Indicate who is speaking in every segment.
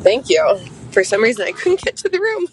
Speaker 1: Thank you. For some reason, I couldn't get to the room.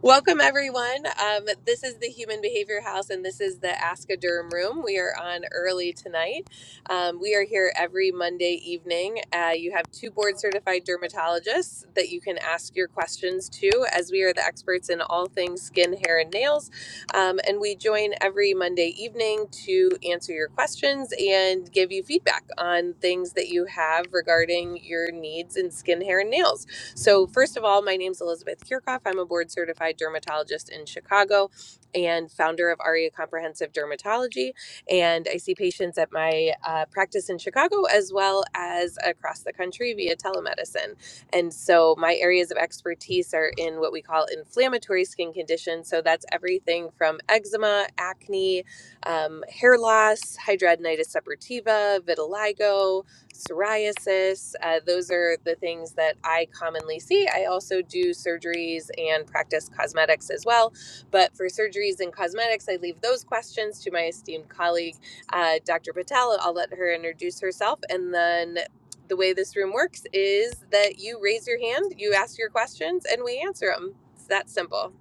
Speaker 1: Welcome, everyone. Um, this is the Human Behavior House, and this is the Ask a Durham room. We are on early tonight. Um, we are here every Monday evening. Uh, you have two board certified dermatologists that you can ask your questions to, as we are the experts in all things skin, hair, and nails. Um, and we join every Monday evening to answer your questions and give you feedback on things that you have regarding your needs in skin, hair, and nails. So, first of all, my name's Elizabeth Kirchhoff. I'm a board certified dermatologist in Chicago and founder of ARIA Comprehensive Dermatology. And I see patients at my uh, practice in Chicago as well as across the country via telemedicine. And so, my areas of expertise are in what we call inflammatory skin conditions. So, that's everything from eczema, acne, um, hair loss, hidradenitis suppurativa, vitiligo, psoriasis. Uh, those are the things that I commonly see. I also do surgeries and practice cosmetics as well. But for surgeries and cosmetics, I leave those questions to my esteemed colleague, uh, Dr. Patel. I'll let her introduce herself. And then the way this room works is that you raise your hand, you ask your questions, and we answer them. It's that simple.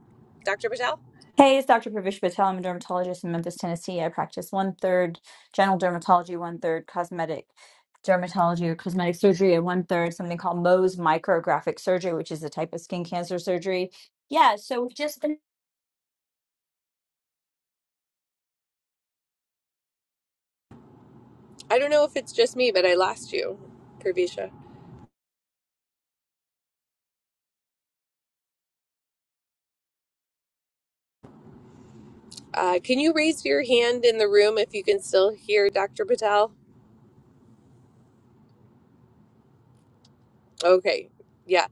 Speaker 1: Dr. Patel?
Speaker 2: Hey, it's Dr. Pravish Patel. I'm a dermatologist in Memphis, Tennessee. I practice one third general dermatology, one third cosmetic dermatology or cosmetic surgery, and one third something called Mohs micrographic surgery, which is a type of skin cancer surgery. Yeah, so we've just been.
Speaker 1: I don't know if it's just me, but I lost you, Pravisha. Uh, can you raise your hand in the room if you can still hear Dr. Patel? Okay, yeah.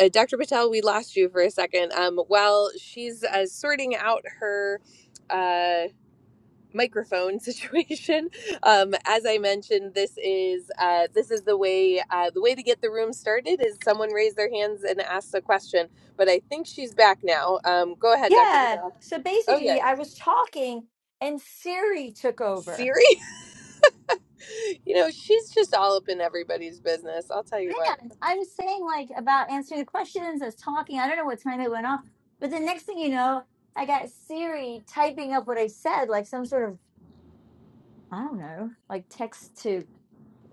Speaker 1: Uh, Dr. Patel, we lost you for a second. Um, while she's uh, sorting out her. uh, microphone situation. Um, as I mentioned, this is uh, this is the way uh, the way to get the room started is someone raise their hands and asks a question. But I think she's back now. Um, go ahead, Dr.
Speaker 2: Yeah,
Speaker 1: Patel.
Speaker 2: so
Speaker 1: Oh
Speaker 2: basically,
Speaker 1: yeah,
Speaker 2: I was talking and Siri took over.
Speaker 1: Siri. You know she's just all up in everybody's business. I'll tell you what.
Speaker 2: Man, I was saying like about answering the questions, I was talking. I don't know what time it went off, but the next thing you know, I got Siri typing up what I said, like some sort of I don't know, like text to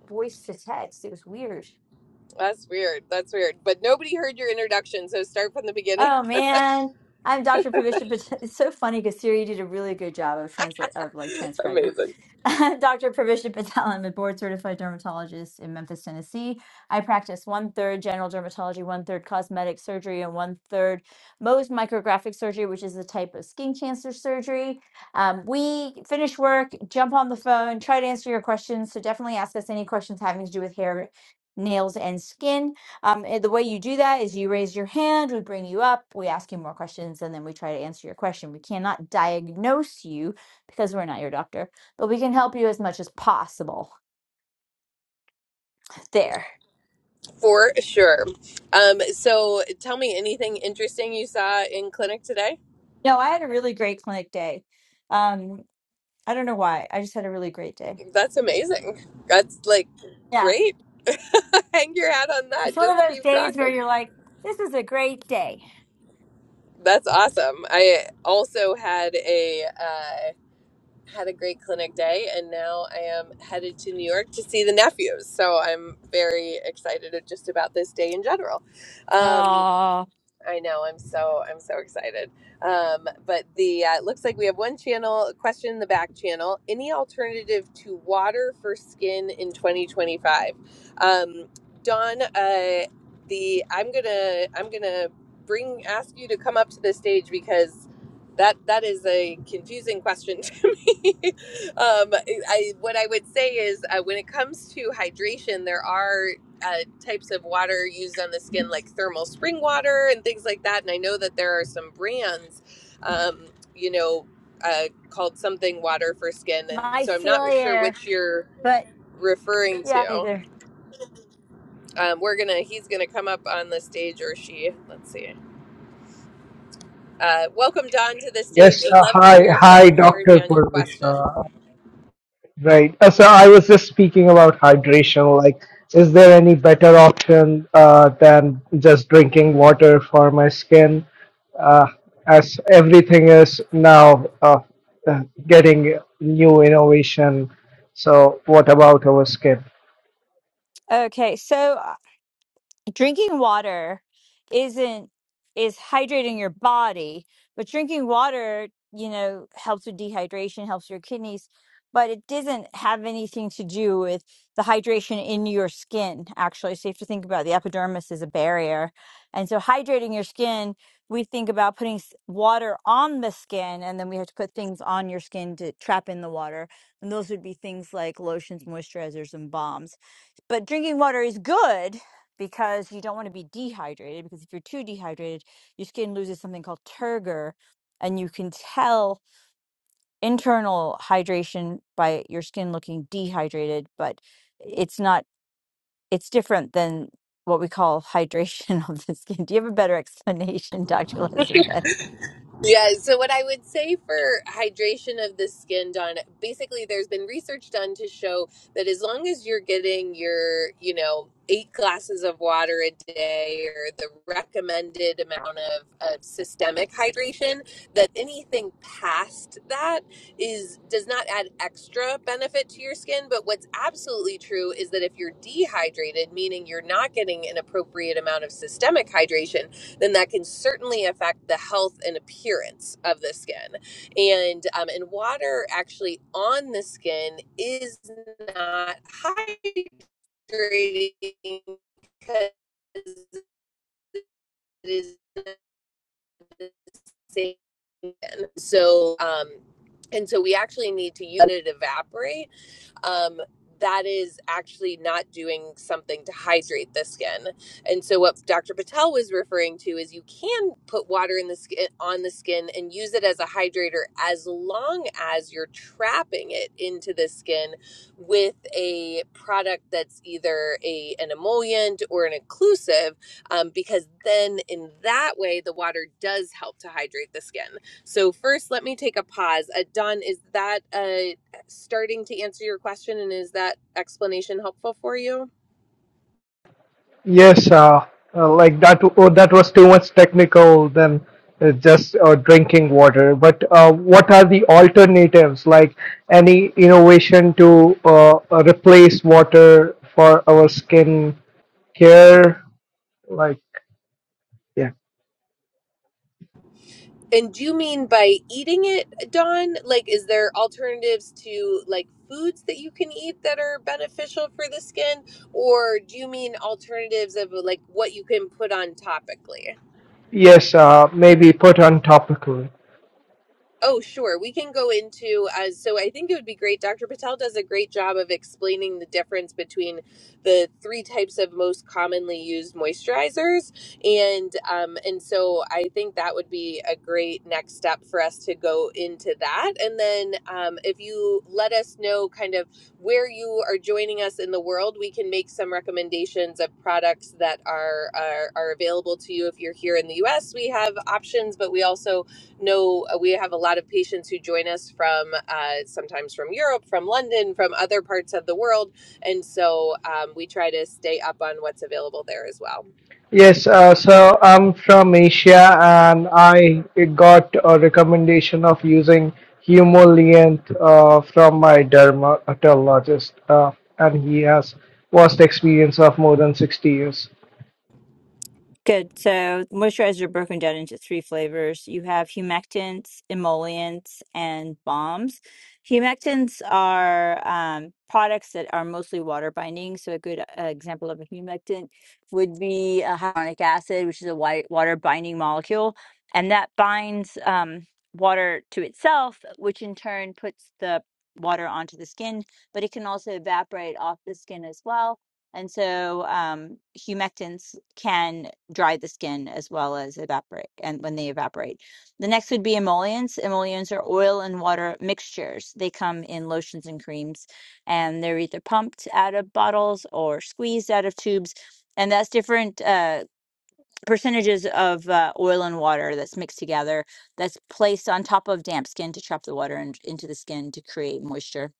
Speaker 2: voice to text. It was weird.
Speaker 1: That's weird. That's weird. But nobody heard your introduction, so start from the beginning.
Speaker 2: Oh man, I'm Dr. Pavisha, but it's so funny because Siri did a really good job of translate of like transcribing.
Speaker 1: Amazing,
Speaker 2: Dr. Pravisha Patel, I'm a board certified dermatologist in Memphis, Tennessee. I practice one third general dermatology, one third cosmetic surgery, and one third Mohs micrographic surgery, which is a type of skin cancer surgery. Um, we finish work, jump on the phone, try to answer your questions. So definitely ask us any questions having to do with hair, nails, and skin. Um, and the way you do that is you raise your hand, we bring you up, we ask you more questions, and then we try to answer your question. We cannot diagnose you because we're not your doctor but we can help you as much as possible there.
Speaker 1: for sure. Um, so tell me anything interesting you saw in clinic today.
Speaker 2: No, I had a really great clinic day. Um, I don't know why. I just had a really great day.
Speaker 1: That's amazing. That's like
Speaker 2: Yeah.
Speaker 1: great. Hang your hat on that.
Speaker 2: It's one of
Speaker 1: Just
Speaker 2: those
Speaker 1: keep
Speaker 2: days where
Speaker 1: rocking.
Speaker 2: you're like, this is a great day.
Speaker 1: That's awesome. I also had a uh, had a great clinic day, and now I am headed to New York to see the nephews. So I'm very excited just about this day in general. Um,
Speaker 2: Oh,
Speaker 1: I know. I'm so I'm so excited. Um, but the uh, it looks like we have one channel question in the back channel. Any alternative to water for skin in 2025? Um, Don, uh, the I'm gonna I'm gonna bring ask you to come up to the stage because that that is a confusing question to me. um, I what I would say is uh, when it comes to hydration, there are uh, types of water used on the skin, like thermal spring water and things like that. And I know that there are some brands, um, you know, uh, called something water for skin. And
Speaker 2: my
Speaker 1: so I'm not
Speaker 2: silly
Speaker 1: sure
Speaker 2: air.
Speaker 1: which you're
Speaker 2: But
Speaker 1: referring
Speaker 2: yeah,
Speaker 1: to.
Speaker 2: either.
Speaker 1: Um, we're gonna, he's gonna come up on the stage or she. Let's see. Uh, welcome Don to the stage.
Speaker 3: Yes,
Speaker 1: Would
Speaker 3: uh,
Speaker 1: love to
Speaker 3: hi,
Speaker 1: hear some
Speaker 3: hi,
Speaker 1: clarity
Speaker 3: Dr.
Speaker 1: on your question.
Speaker 3: Purvisha. Right. Uh, so I was just speaking about hydration. Like, is there any better option uh, than just drinking water for my skin? Uh, as everything is now uh, uh, getting new innovation. So, what about our skin?
Speaker 2: Okay. So drinking water isn't is hydrating your body but drinking water you know helps with dehydration helps your kidneys but it doesn't have anything to do with the hydration in your skin actually so you have to think about the epidermis as a barrier and so hydrating your skin we think about putting s- water on the skin and then we have to put things on your skin to trap in the water and those would be things like lotions moisturizers and balms but drinking water is good because you don't want to be dehydrated because if you're too dehydrated, your skin loses something called turgor and you can tell internal hydration by your skin looking dehydrated, but it's not it's different than what we call hydration of the skin. Do you have a better explanation, Dr. Elizabeth?
Speaker 1: Yeah, so what I would say for hydration of the skin, Don, basically there's been research done to show that as long as you're getting your, you know, eight glasses of water a day or the recommended amount of, of systemic hydration, that anything past that is does not add extra benefit to your skin. But what's absolutely true is that if you're dehydrated, meaning you're not getting an appropriate amount of systemic hydration, then that can certainly affect the health and appearance of the skin. And um, and water actually on the skin is not hydrating because it is the same. So um, and so we actually need to use it to evaporate um, that is actually not doing something to hydrate the skin. And so what Dr. Patel was referring to is you can put water in the skin on the skin and use it as a hydrator as long as you're trapping it into the skin with a product that's either a an emollient or an occlusive um, because then in that way the water does help to hydrate the skin. So first let me take a pause. Uh, Don, is that a starting to answer your question and is that explanation helpful for you
Speaker 3: Yes, uh, uh, like that. Oh, that was too much technical than uh, just uh, drinking water. But uh, what are the alternatives? Like any innovation to uh, uh, replace water for our skin care? Like Yeah.
Speaker 1: and do you mean by eating it dawn like is there alternatives to like foods that you can eat that are beneficial for the skin or do you mean alternatives of like what you can put on topically
Speaker 3: yes, uh, maybe put on topical.
Speaker 1: Oh, sure. We can go into uh, so I think it would be great. Dr. Patel does a great job of explaining the difference between the three types of most commonly used moisturizers, and um, and so I think that would be a great next step for us to go into that. And then um, if you let us know kind of where you are joining us in the world, we can make some recommendations of products that are are, are available to you. If you're here in the U.S., we have options, but we also know uh, we have a lot of patients who join us from uh, sometimes from Europe, from London, from other parts of the world. And so um, we try to stay up on what's available there as well.
Speaker 3: Yes, uh, so I'm from Asia and I got a recommendation of using Humulient uh, from my dermatologist, uh, and he has vast experience of more than 60 years.
Speaker 2: Good. So moisturizers are broken down into three flavors. You have humectants, emollients, and balms. Humectants are um, products that are mostly water binding. So a good uh, example of a humectant would be a hyaluronic acid, which is a white water binding molecule, and that binds um, water to itself, which in turn puts the water onto the skin, but it can also evaporate off the skin as well. And so um, humectants can dry the skin as well as evaporate and when they evaporate. The next would be emollients. Emollients are oil and water mixtures. They come in lotions and creams and they're either pumped out of bottles or squeezed out of tubes. And that's different uh, percentages of uh, oil and water that's mixed together that's placed on top of damp skin to trap the water in, into the skin to create moisture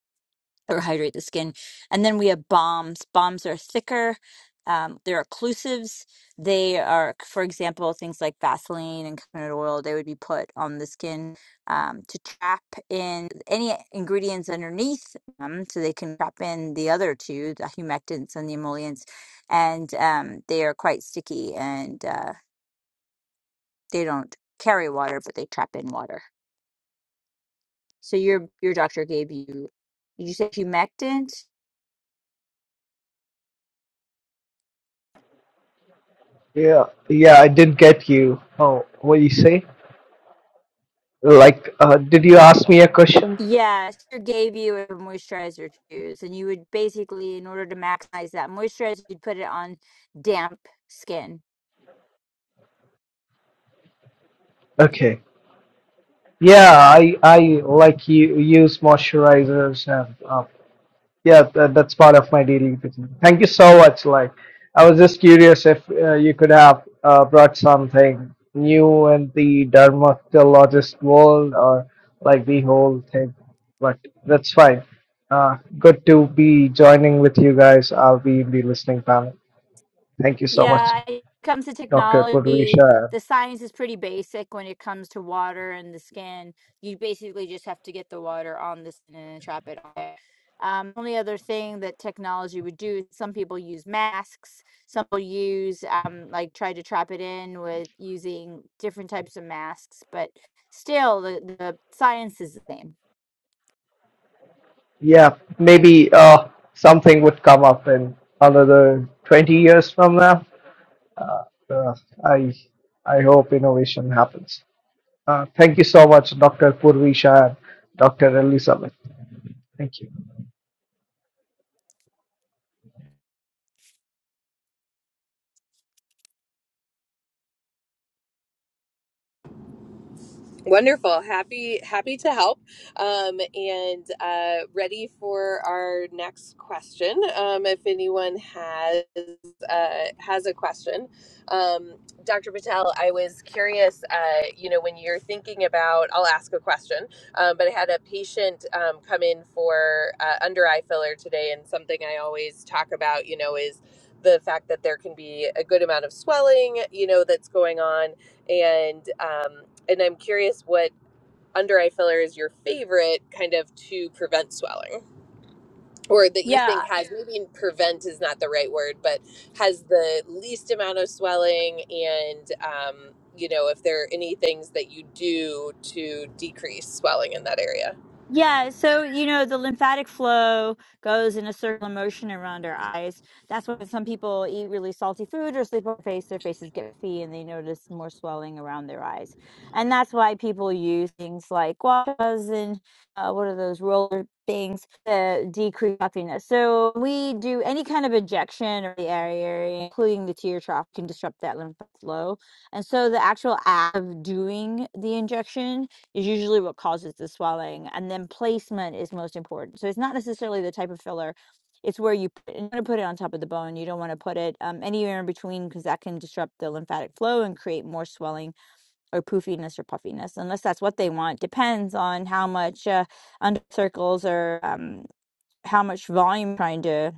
Speaker 2: or hydrate the skin. And then we have balms. Balms are thicker. Um, they're occlusives. They are, for example, things like Vaseline and coconut oil. They would be put on the skin um, to trap in any ingredients underneath them, so they can trap in the other two, the humectants and the emollients. And um, they are quite sticky, and uh, they don't carry water, but they trap in water. So your your doctor gave you, did you say humectant?
Speaker 3: Yeah, yeah, I did get you. Oh, what do you say? Like, uh, did you ask me a question?
Speaker 2: Yeah, Esther gave you a moisturizer to use, and you would basically, in order to maximize that moisturizer, you'd put it on damp skin.
Speaker 3: Okay. Yeah, I I like you use moisturizers and uh, Yeah, that, that's part of my daily routine. Thank you so much. Like, I was just curious if uh, you could have uh, brought something new in the dermatologist world or like the whole thing, but that's fine. Uh, good to be joining with you guys. I'll be in the listening panel. Thank you so much,
Speaker 2: Yeah, it comes to
Speaker 3: Dr.
Speaker 2: technology,
Speaker 3: Purvisha.
Speaker 2: the science is pretty basic when it comes to water and the skin. You basically just have to get the water on the skin and trap it. on there. Um, only other thing that technology would do, some people use masks, some people use um, like try to trap it in with using different types of masks, but still the, the science is the same.
Speaker 3: Yeah, maybe uh, something would come up in another 20 years from now. Uh, I I hope innovation happens. Uh, thank you so much, Dr. Purvisha and Dr. Elizabeth. Thank you.
Speaker 1: Wonderful. Happy happy to help. Um, and uh, ready for our next question. Um, if anyone has uh, has a question. Um, Dr. Patel, I was curious, uh, you know, when you're thinking about, I'll ask a question, um, but I had a patient um, come in for uh, under eye filler today, and something I always talk about, you know, is the fact that there can be a good amount of swelling, you know, that's going on and um, and I'm curious what under eye filler is your favorite kind of to prevent swelling or that you
Speaker 2: Yeah.
Speaker 1: think has maybe prevent is not the right word but has the least amount of swelling and um, you know if there are any things that you do to decrease swelling in that area
Speaker 2: Yeah, so you know, the lymphatic flow goes in a circular motion around our eyes. That's why some people eat really salty food or sleep on their face, their faces get puffy and they notice more swelling around their eyes. And that's why people use things like guavas and uh, what are those roller things to decrease puffiness. So we do any kind of injection or the area, including the tear trough, can disrupt that lymphatic flow. And so the actual act of doing the injection is usually what causes the swelling. And then placement is most important. So it's not necessarily the type of filler. It's where you put, you want to put it on top of the bone. You don't want to put it um, anywhere in between because that can disrupt the lymphatic flow and create more swelling or poofiness or puffiness, unless that's what they want. Depends on how much uh, under circles or um, how much volume trying to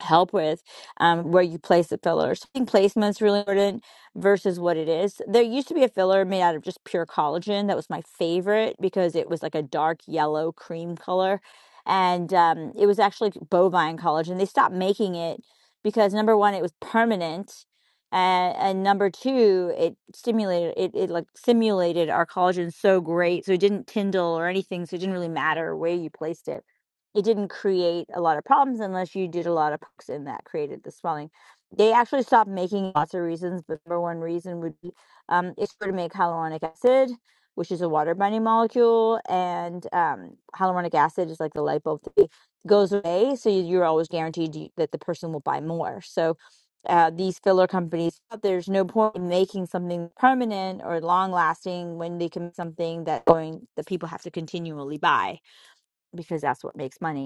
Speaker 2: help with um, where you place the filler. So I think placement is really important versus what it is. There used to be a filler made out of just pure collagen. That was my favorite because it was like a dark yellow cream color. And um, it was actually bovine collagen. They stopped making it because number one, it was permanent. And, and number two, it stimulated it, it like simulated our collagen so great, so it didn't tindle or anything, so it didn't really matter where you placed it it didn't create a lot of problems unless you did a lot of pucks and that created the swelling. They actually stopped making lots of reasons, but number one reason would be um, it's going to make hyaluronic acid, which is a water binding molecule, and um, hyaluronic acid is like the lipo thing It goes away, so you- are always guaranteed that the person will buy more. So uh, these filler companies, there's no point in making something permanent or long lasting when they can make something that going that people have to continually buy because that's what makes money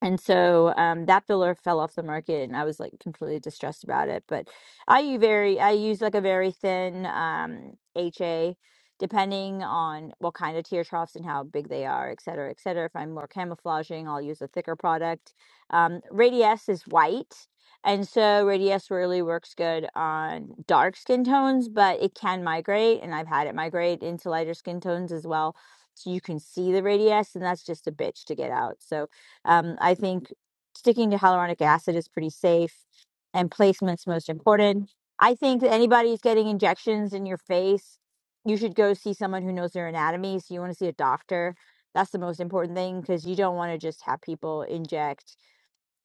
Speaker 2: and so um, that filler fell off the market, and I was like completely distressed about it. But I use very, I use like a very thin um, HA, depending on what kind of tear troughs and how big they are, et cetera, et cetera. If I'm more camouflaging, I'll use a thicker product. Um, Radiesse is white, and so Radiesse really works good on dark skin tones, but it can migrate, and I've had it migrate into lighter skin tones as well. So you can see the Radiesse, and that's just a bitch to get out. So um, I think sticking to hyaluronic acid is pretty safe, and placement's most important. I think that anybody who's getting injections in your face, you should go see someone who knows their anatomy. So you want to see a doctor. That's the most important thing because you don't want to just have people inject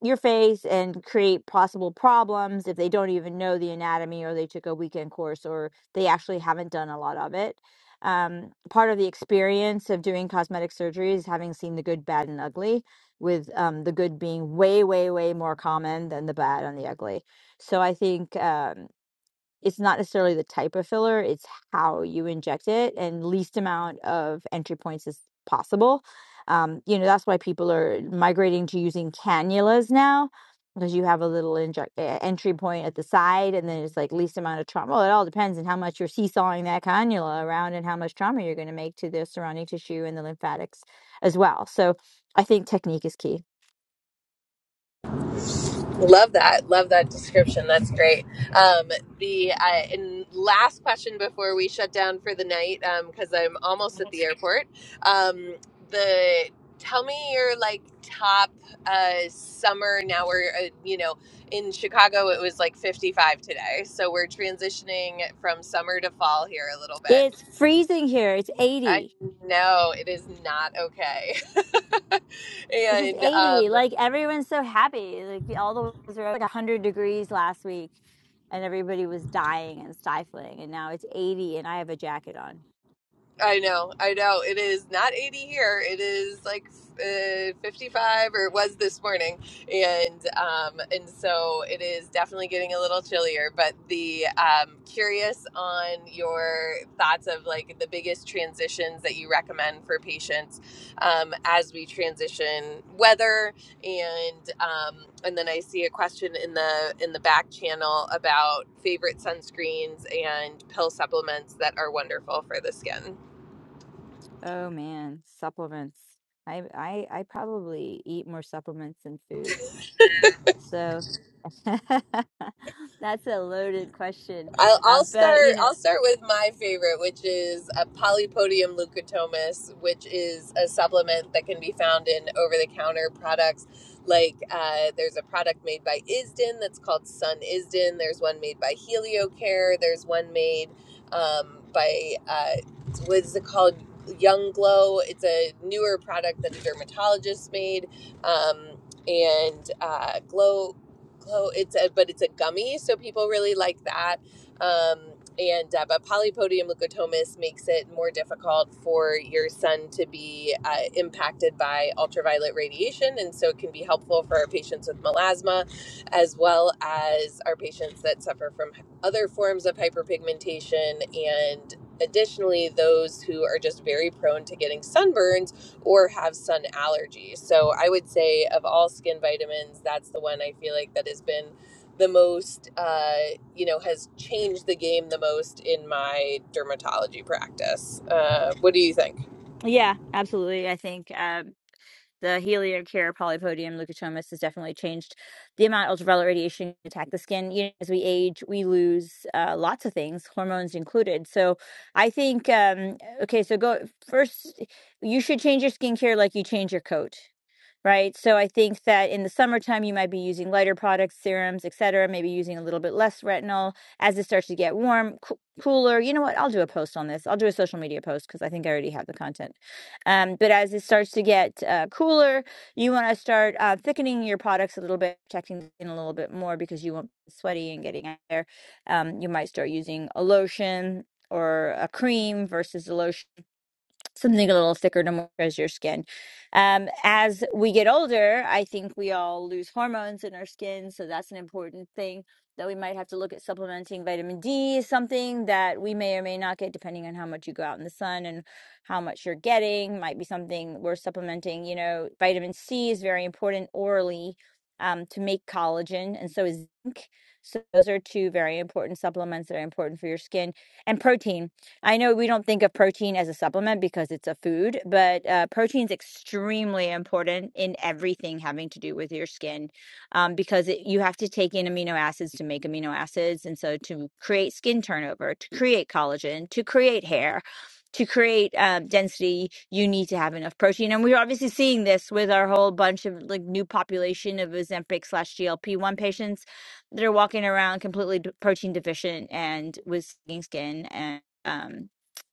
Speaker 2: your face and create possible problems if they don't even know the anatomy or they took a weekend course or they actually haven't done a lot of it. Um, part of the experience of doing cosmetic surgery is having seen the good, bad, and ugly, with um, the good being way, way, way more common than the bad and the ugly. So I think. Um, it's not necessarily the type of filler, it's how you inject it and least amount of entry points as possible. Um, you know, that's why people are migrating to using cannulas now because you have a little inject, uh, entry point at the side and then it's like least amount of trauma. Well, it all depends on how much you're seesawing that cannula around and how much trauma you're going to make to the surrounding tissue and the lymphatics as well. So I think technique is key.
Speaker 1: Love that. Love that description. That's great. Um, the uh, and last question before we shut down for the night, because I'm almost at the airport. Um, the tell me your like top uh, summer. Now we're uh, you know in Chicago it was like 55 today, so we're transitioning from summer to fall here a little bit.
Speaker 2: It's freezing here. It's
Speaker 1: I
Speaker 2: 80.
Speaker 1: know it is not okay,
Speaker 2: This is
Speaker 1: and
Speaker 2: 80.
Speaker 1: um,
Speaker 2: Like everyone's so happy. Like all the weather were like 100 degrees last week and everybody was dying and stifling and now it's 80 and I have a jacket on.
Speaker 1: I know, I know. It is not 80 here. It is like uh, 55, or it was this morning, and um, and so it is definitely getting a little chillier. But the um, curious on your thoughts of like the biggest transitions that you recommend for patients um, as we transition weather, and um, and then I see a question in the in the back channel about favorite sunscreens and pill supplements that are wonderful for the skin.
Speaker 2: Oh man, supplements. I I I probably eat more supplements than food. So that's a loaded question.
Speaker 1: I'll, I'll
Speaker 2: Um but you
Speaker 1: start.
Speaker 2: know,
Speaker 1: I'll start with my favorite, which is a polypodium leucotomus, which is a supplement that can be found in over-the-counter products. Like uh, there's a product made by Isden that's called Sun Isden. There's one made by HelioCare. There's one made um, by uh, what is it called? Young Glow. It's a newer product that a dermatologist made, um, and uh, Glow. Glow. It's a but it's a gummy, so people really like that um, and uh, but polypodium leukotomas makes it more difficult for your son to be uh, impacted by ultraviolet radiation, and so it can be helpful for our patients with melasma, as well as our patients that suffer from other forms of hyperpigmentation and. Additionally, those who are just very prone to getting sunburns or have sun allergies. So, I would say of all skin vitamins, that's the one I feel like that has been the most uh, you know has changed the game the most in my dermatology practice uh, what do you think
Speaker 2: yeah, absolutely. I think um the Heliocare polypodium leukotomas has definitely changed the amount ultraviolet radiation can attack the skin. You know, as we age, we lose uh, lots of things, hormones included. So I think um, okay, so go first. You should change your skincare like you change your coat right? So I think that in the summertime, you might be using lighter products, serums, et cetera, maybe using a little bit less retinol. As it starts to get warm, coo- cooler, you know what? I'll do a post on this. I'll do a social media post because I think I already have the content. Um, but as it starts to get uh, cooler, you want to start uh, thickening your products a little bit, protecting the skin a little bit more because you won't be sweaty and getting out there. Um, you might start using a lotion. Or a cream versus a lotion something a little thicker to moisturize your skin. Um, as we get older, I think we all lose hormones in our skin, so that's an important thing that we might have to look at supplementing vitamin D, is something that we may or may not get depending on how much you go out in the sun and how much you're getting. Might be something worth supplementing. You know, vitamin C is very important orally. Um, to make collagen, and so is zinc. So those are two very important supplements that are important for your skin and protein. I know we don't think of protein as a supplement because it's a food, but uh, protein is extremely important in everything having to do with your skin um, because it, you have to take in amino acids to make amino acids. And so to create skin turnover, to create collagen, to create hair, to create um, density, you need to have enough protein. And we're obviously seeing this with our whole bunch of like new population of Ozempic slash GLP-1 patients that are walking around completely de- protein deficient and with sagging skin um,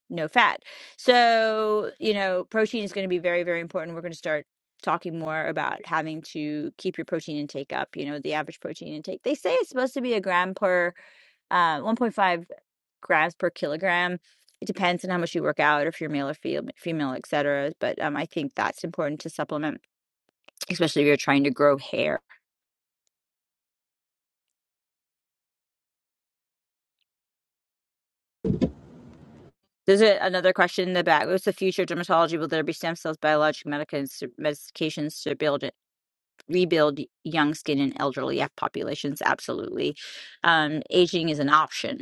Speaker 2: no fat. So, you know, protein is going to be very, very important. We're going to start talking more about having to keep your protein intake up, you know, the average protein intake. They say it's supposed to be a gram per uh, 1.5 grams per kilogram. It depends on how much you work out, or if you're male or fem- female, et cetera. But um, I think that's important to supplement, especially if you're trying to grow hair. There's a, another question in the back. What's the future of dermatology? Will there be stem cells, biologic medications, medications to build rebuild young skin in elderly yeah, populations absolutely um, aging is an option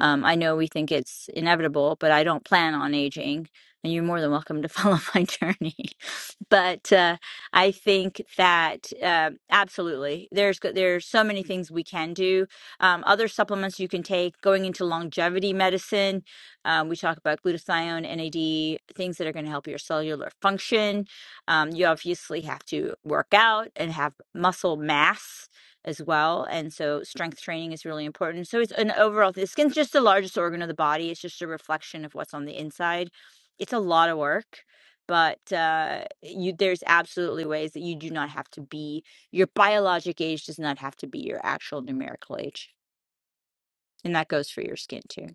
Speaker 2: um, I know we think it's inevitable, but I don't plan on aging, and you're more than welcome to follow my journey. but uh, I think that uh, absolutely, there's go- there's so many things we can do. Um, other supplements you can take. Going into longevity medicine, um, we talk about glutathione, NAD, things that are going to help your cellular function. Um, you obviously have to work out and have muscle mass as well. And so strength training is really important. So it's an overall the skin's just the largest organ of the body. It's just a reflection of what's on the inside. It's a lot of work, but uh you there's absolutely ways that you do not have to be your biologic age does not have to be your actual numerical age. And that goes for your skin too.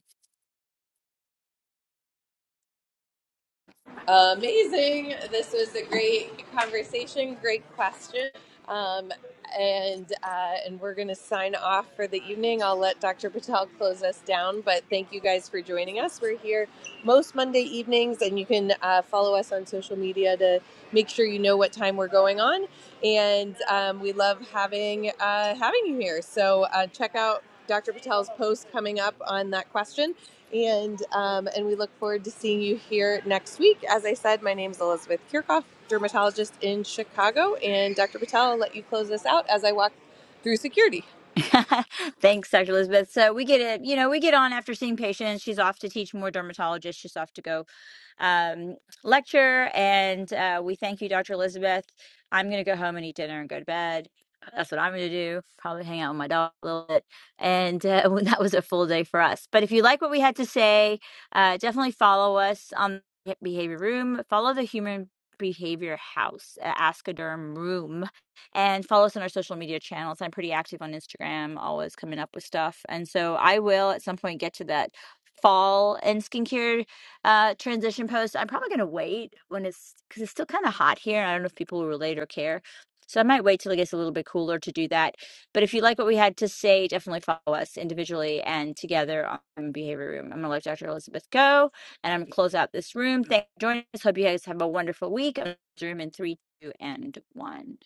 Speaker 1: Amazing. This was a great conversation. Great question. Um, and uh, and we're going to sign off for the evening. I'll let Dr. Patel close us down. But thank you guys for joining us. We're here most Monday evenings, and you can uh, follow us on social media to make sure you know what time we're going on. And um, we love having uh, having you here. So uh, check out Dr. Patel's post coming up on that question and um, and we look forward to seeing you here next week. As I said, my name is Elizabeth Kirchhoff, dermatologist in Chicago, and Dr. Patel, I'll let you close this out as I walk through security.
Speaker 2: Thanks, Dr. Elizabeth. So we get it, you know, we get on after seeing patients. She's off to teach more dermatologists. She's off to go um, lecture. And uh, we thank you, Dr. Elizabeth. I'm going to go home and eat dinner and go to bed. That's what I'm going to do. Probably hang out with my dog a little bit. And uh, well, that was a full day for us. But if you like what we had to say, uh, definitely follow us on the Behavior Room. Follow the Human Behavior House, uh, Askoderm Room and follow us on our social media channels. I'm pretty active on Instagram, always coming up with stuff. And so I will at some point get to that fall and skincare uh transition post. I'm probably gonna wait when it's because it's still kind of hot here. I don't know if people will relate or care. So I might wait till it gets a little bit cooler to do that. But if you like what we had to say, definitely follow us individually and together on Behavior Room. I'm gonna let Dr. Elizabeth go and I'm gonna close out this room. Thanks for joining us. Hope you guys have a wonderful week. I'm gonna close the room in three, two, and one.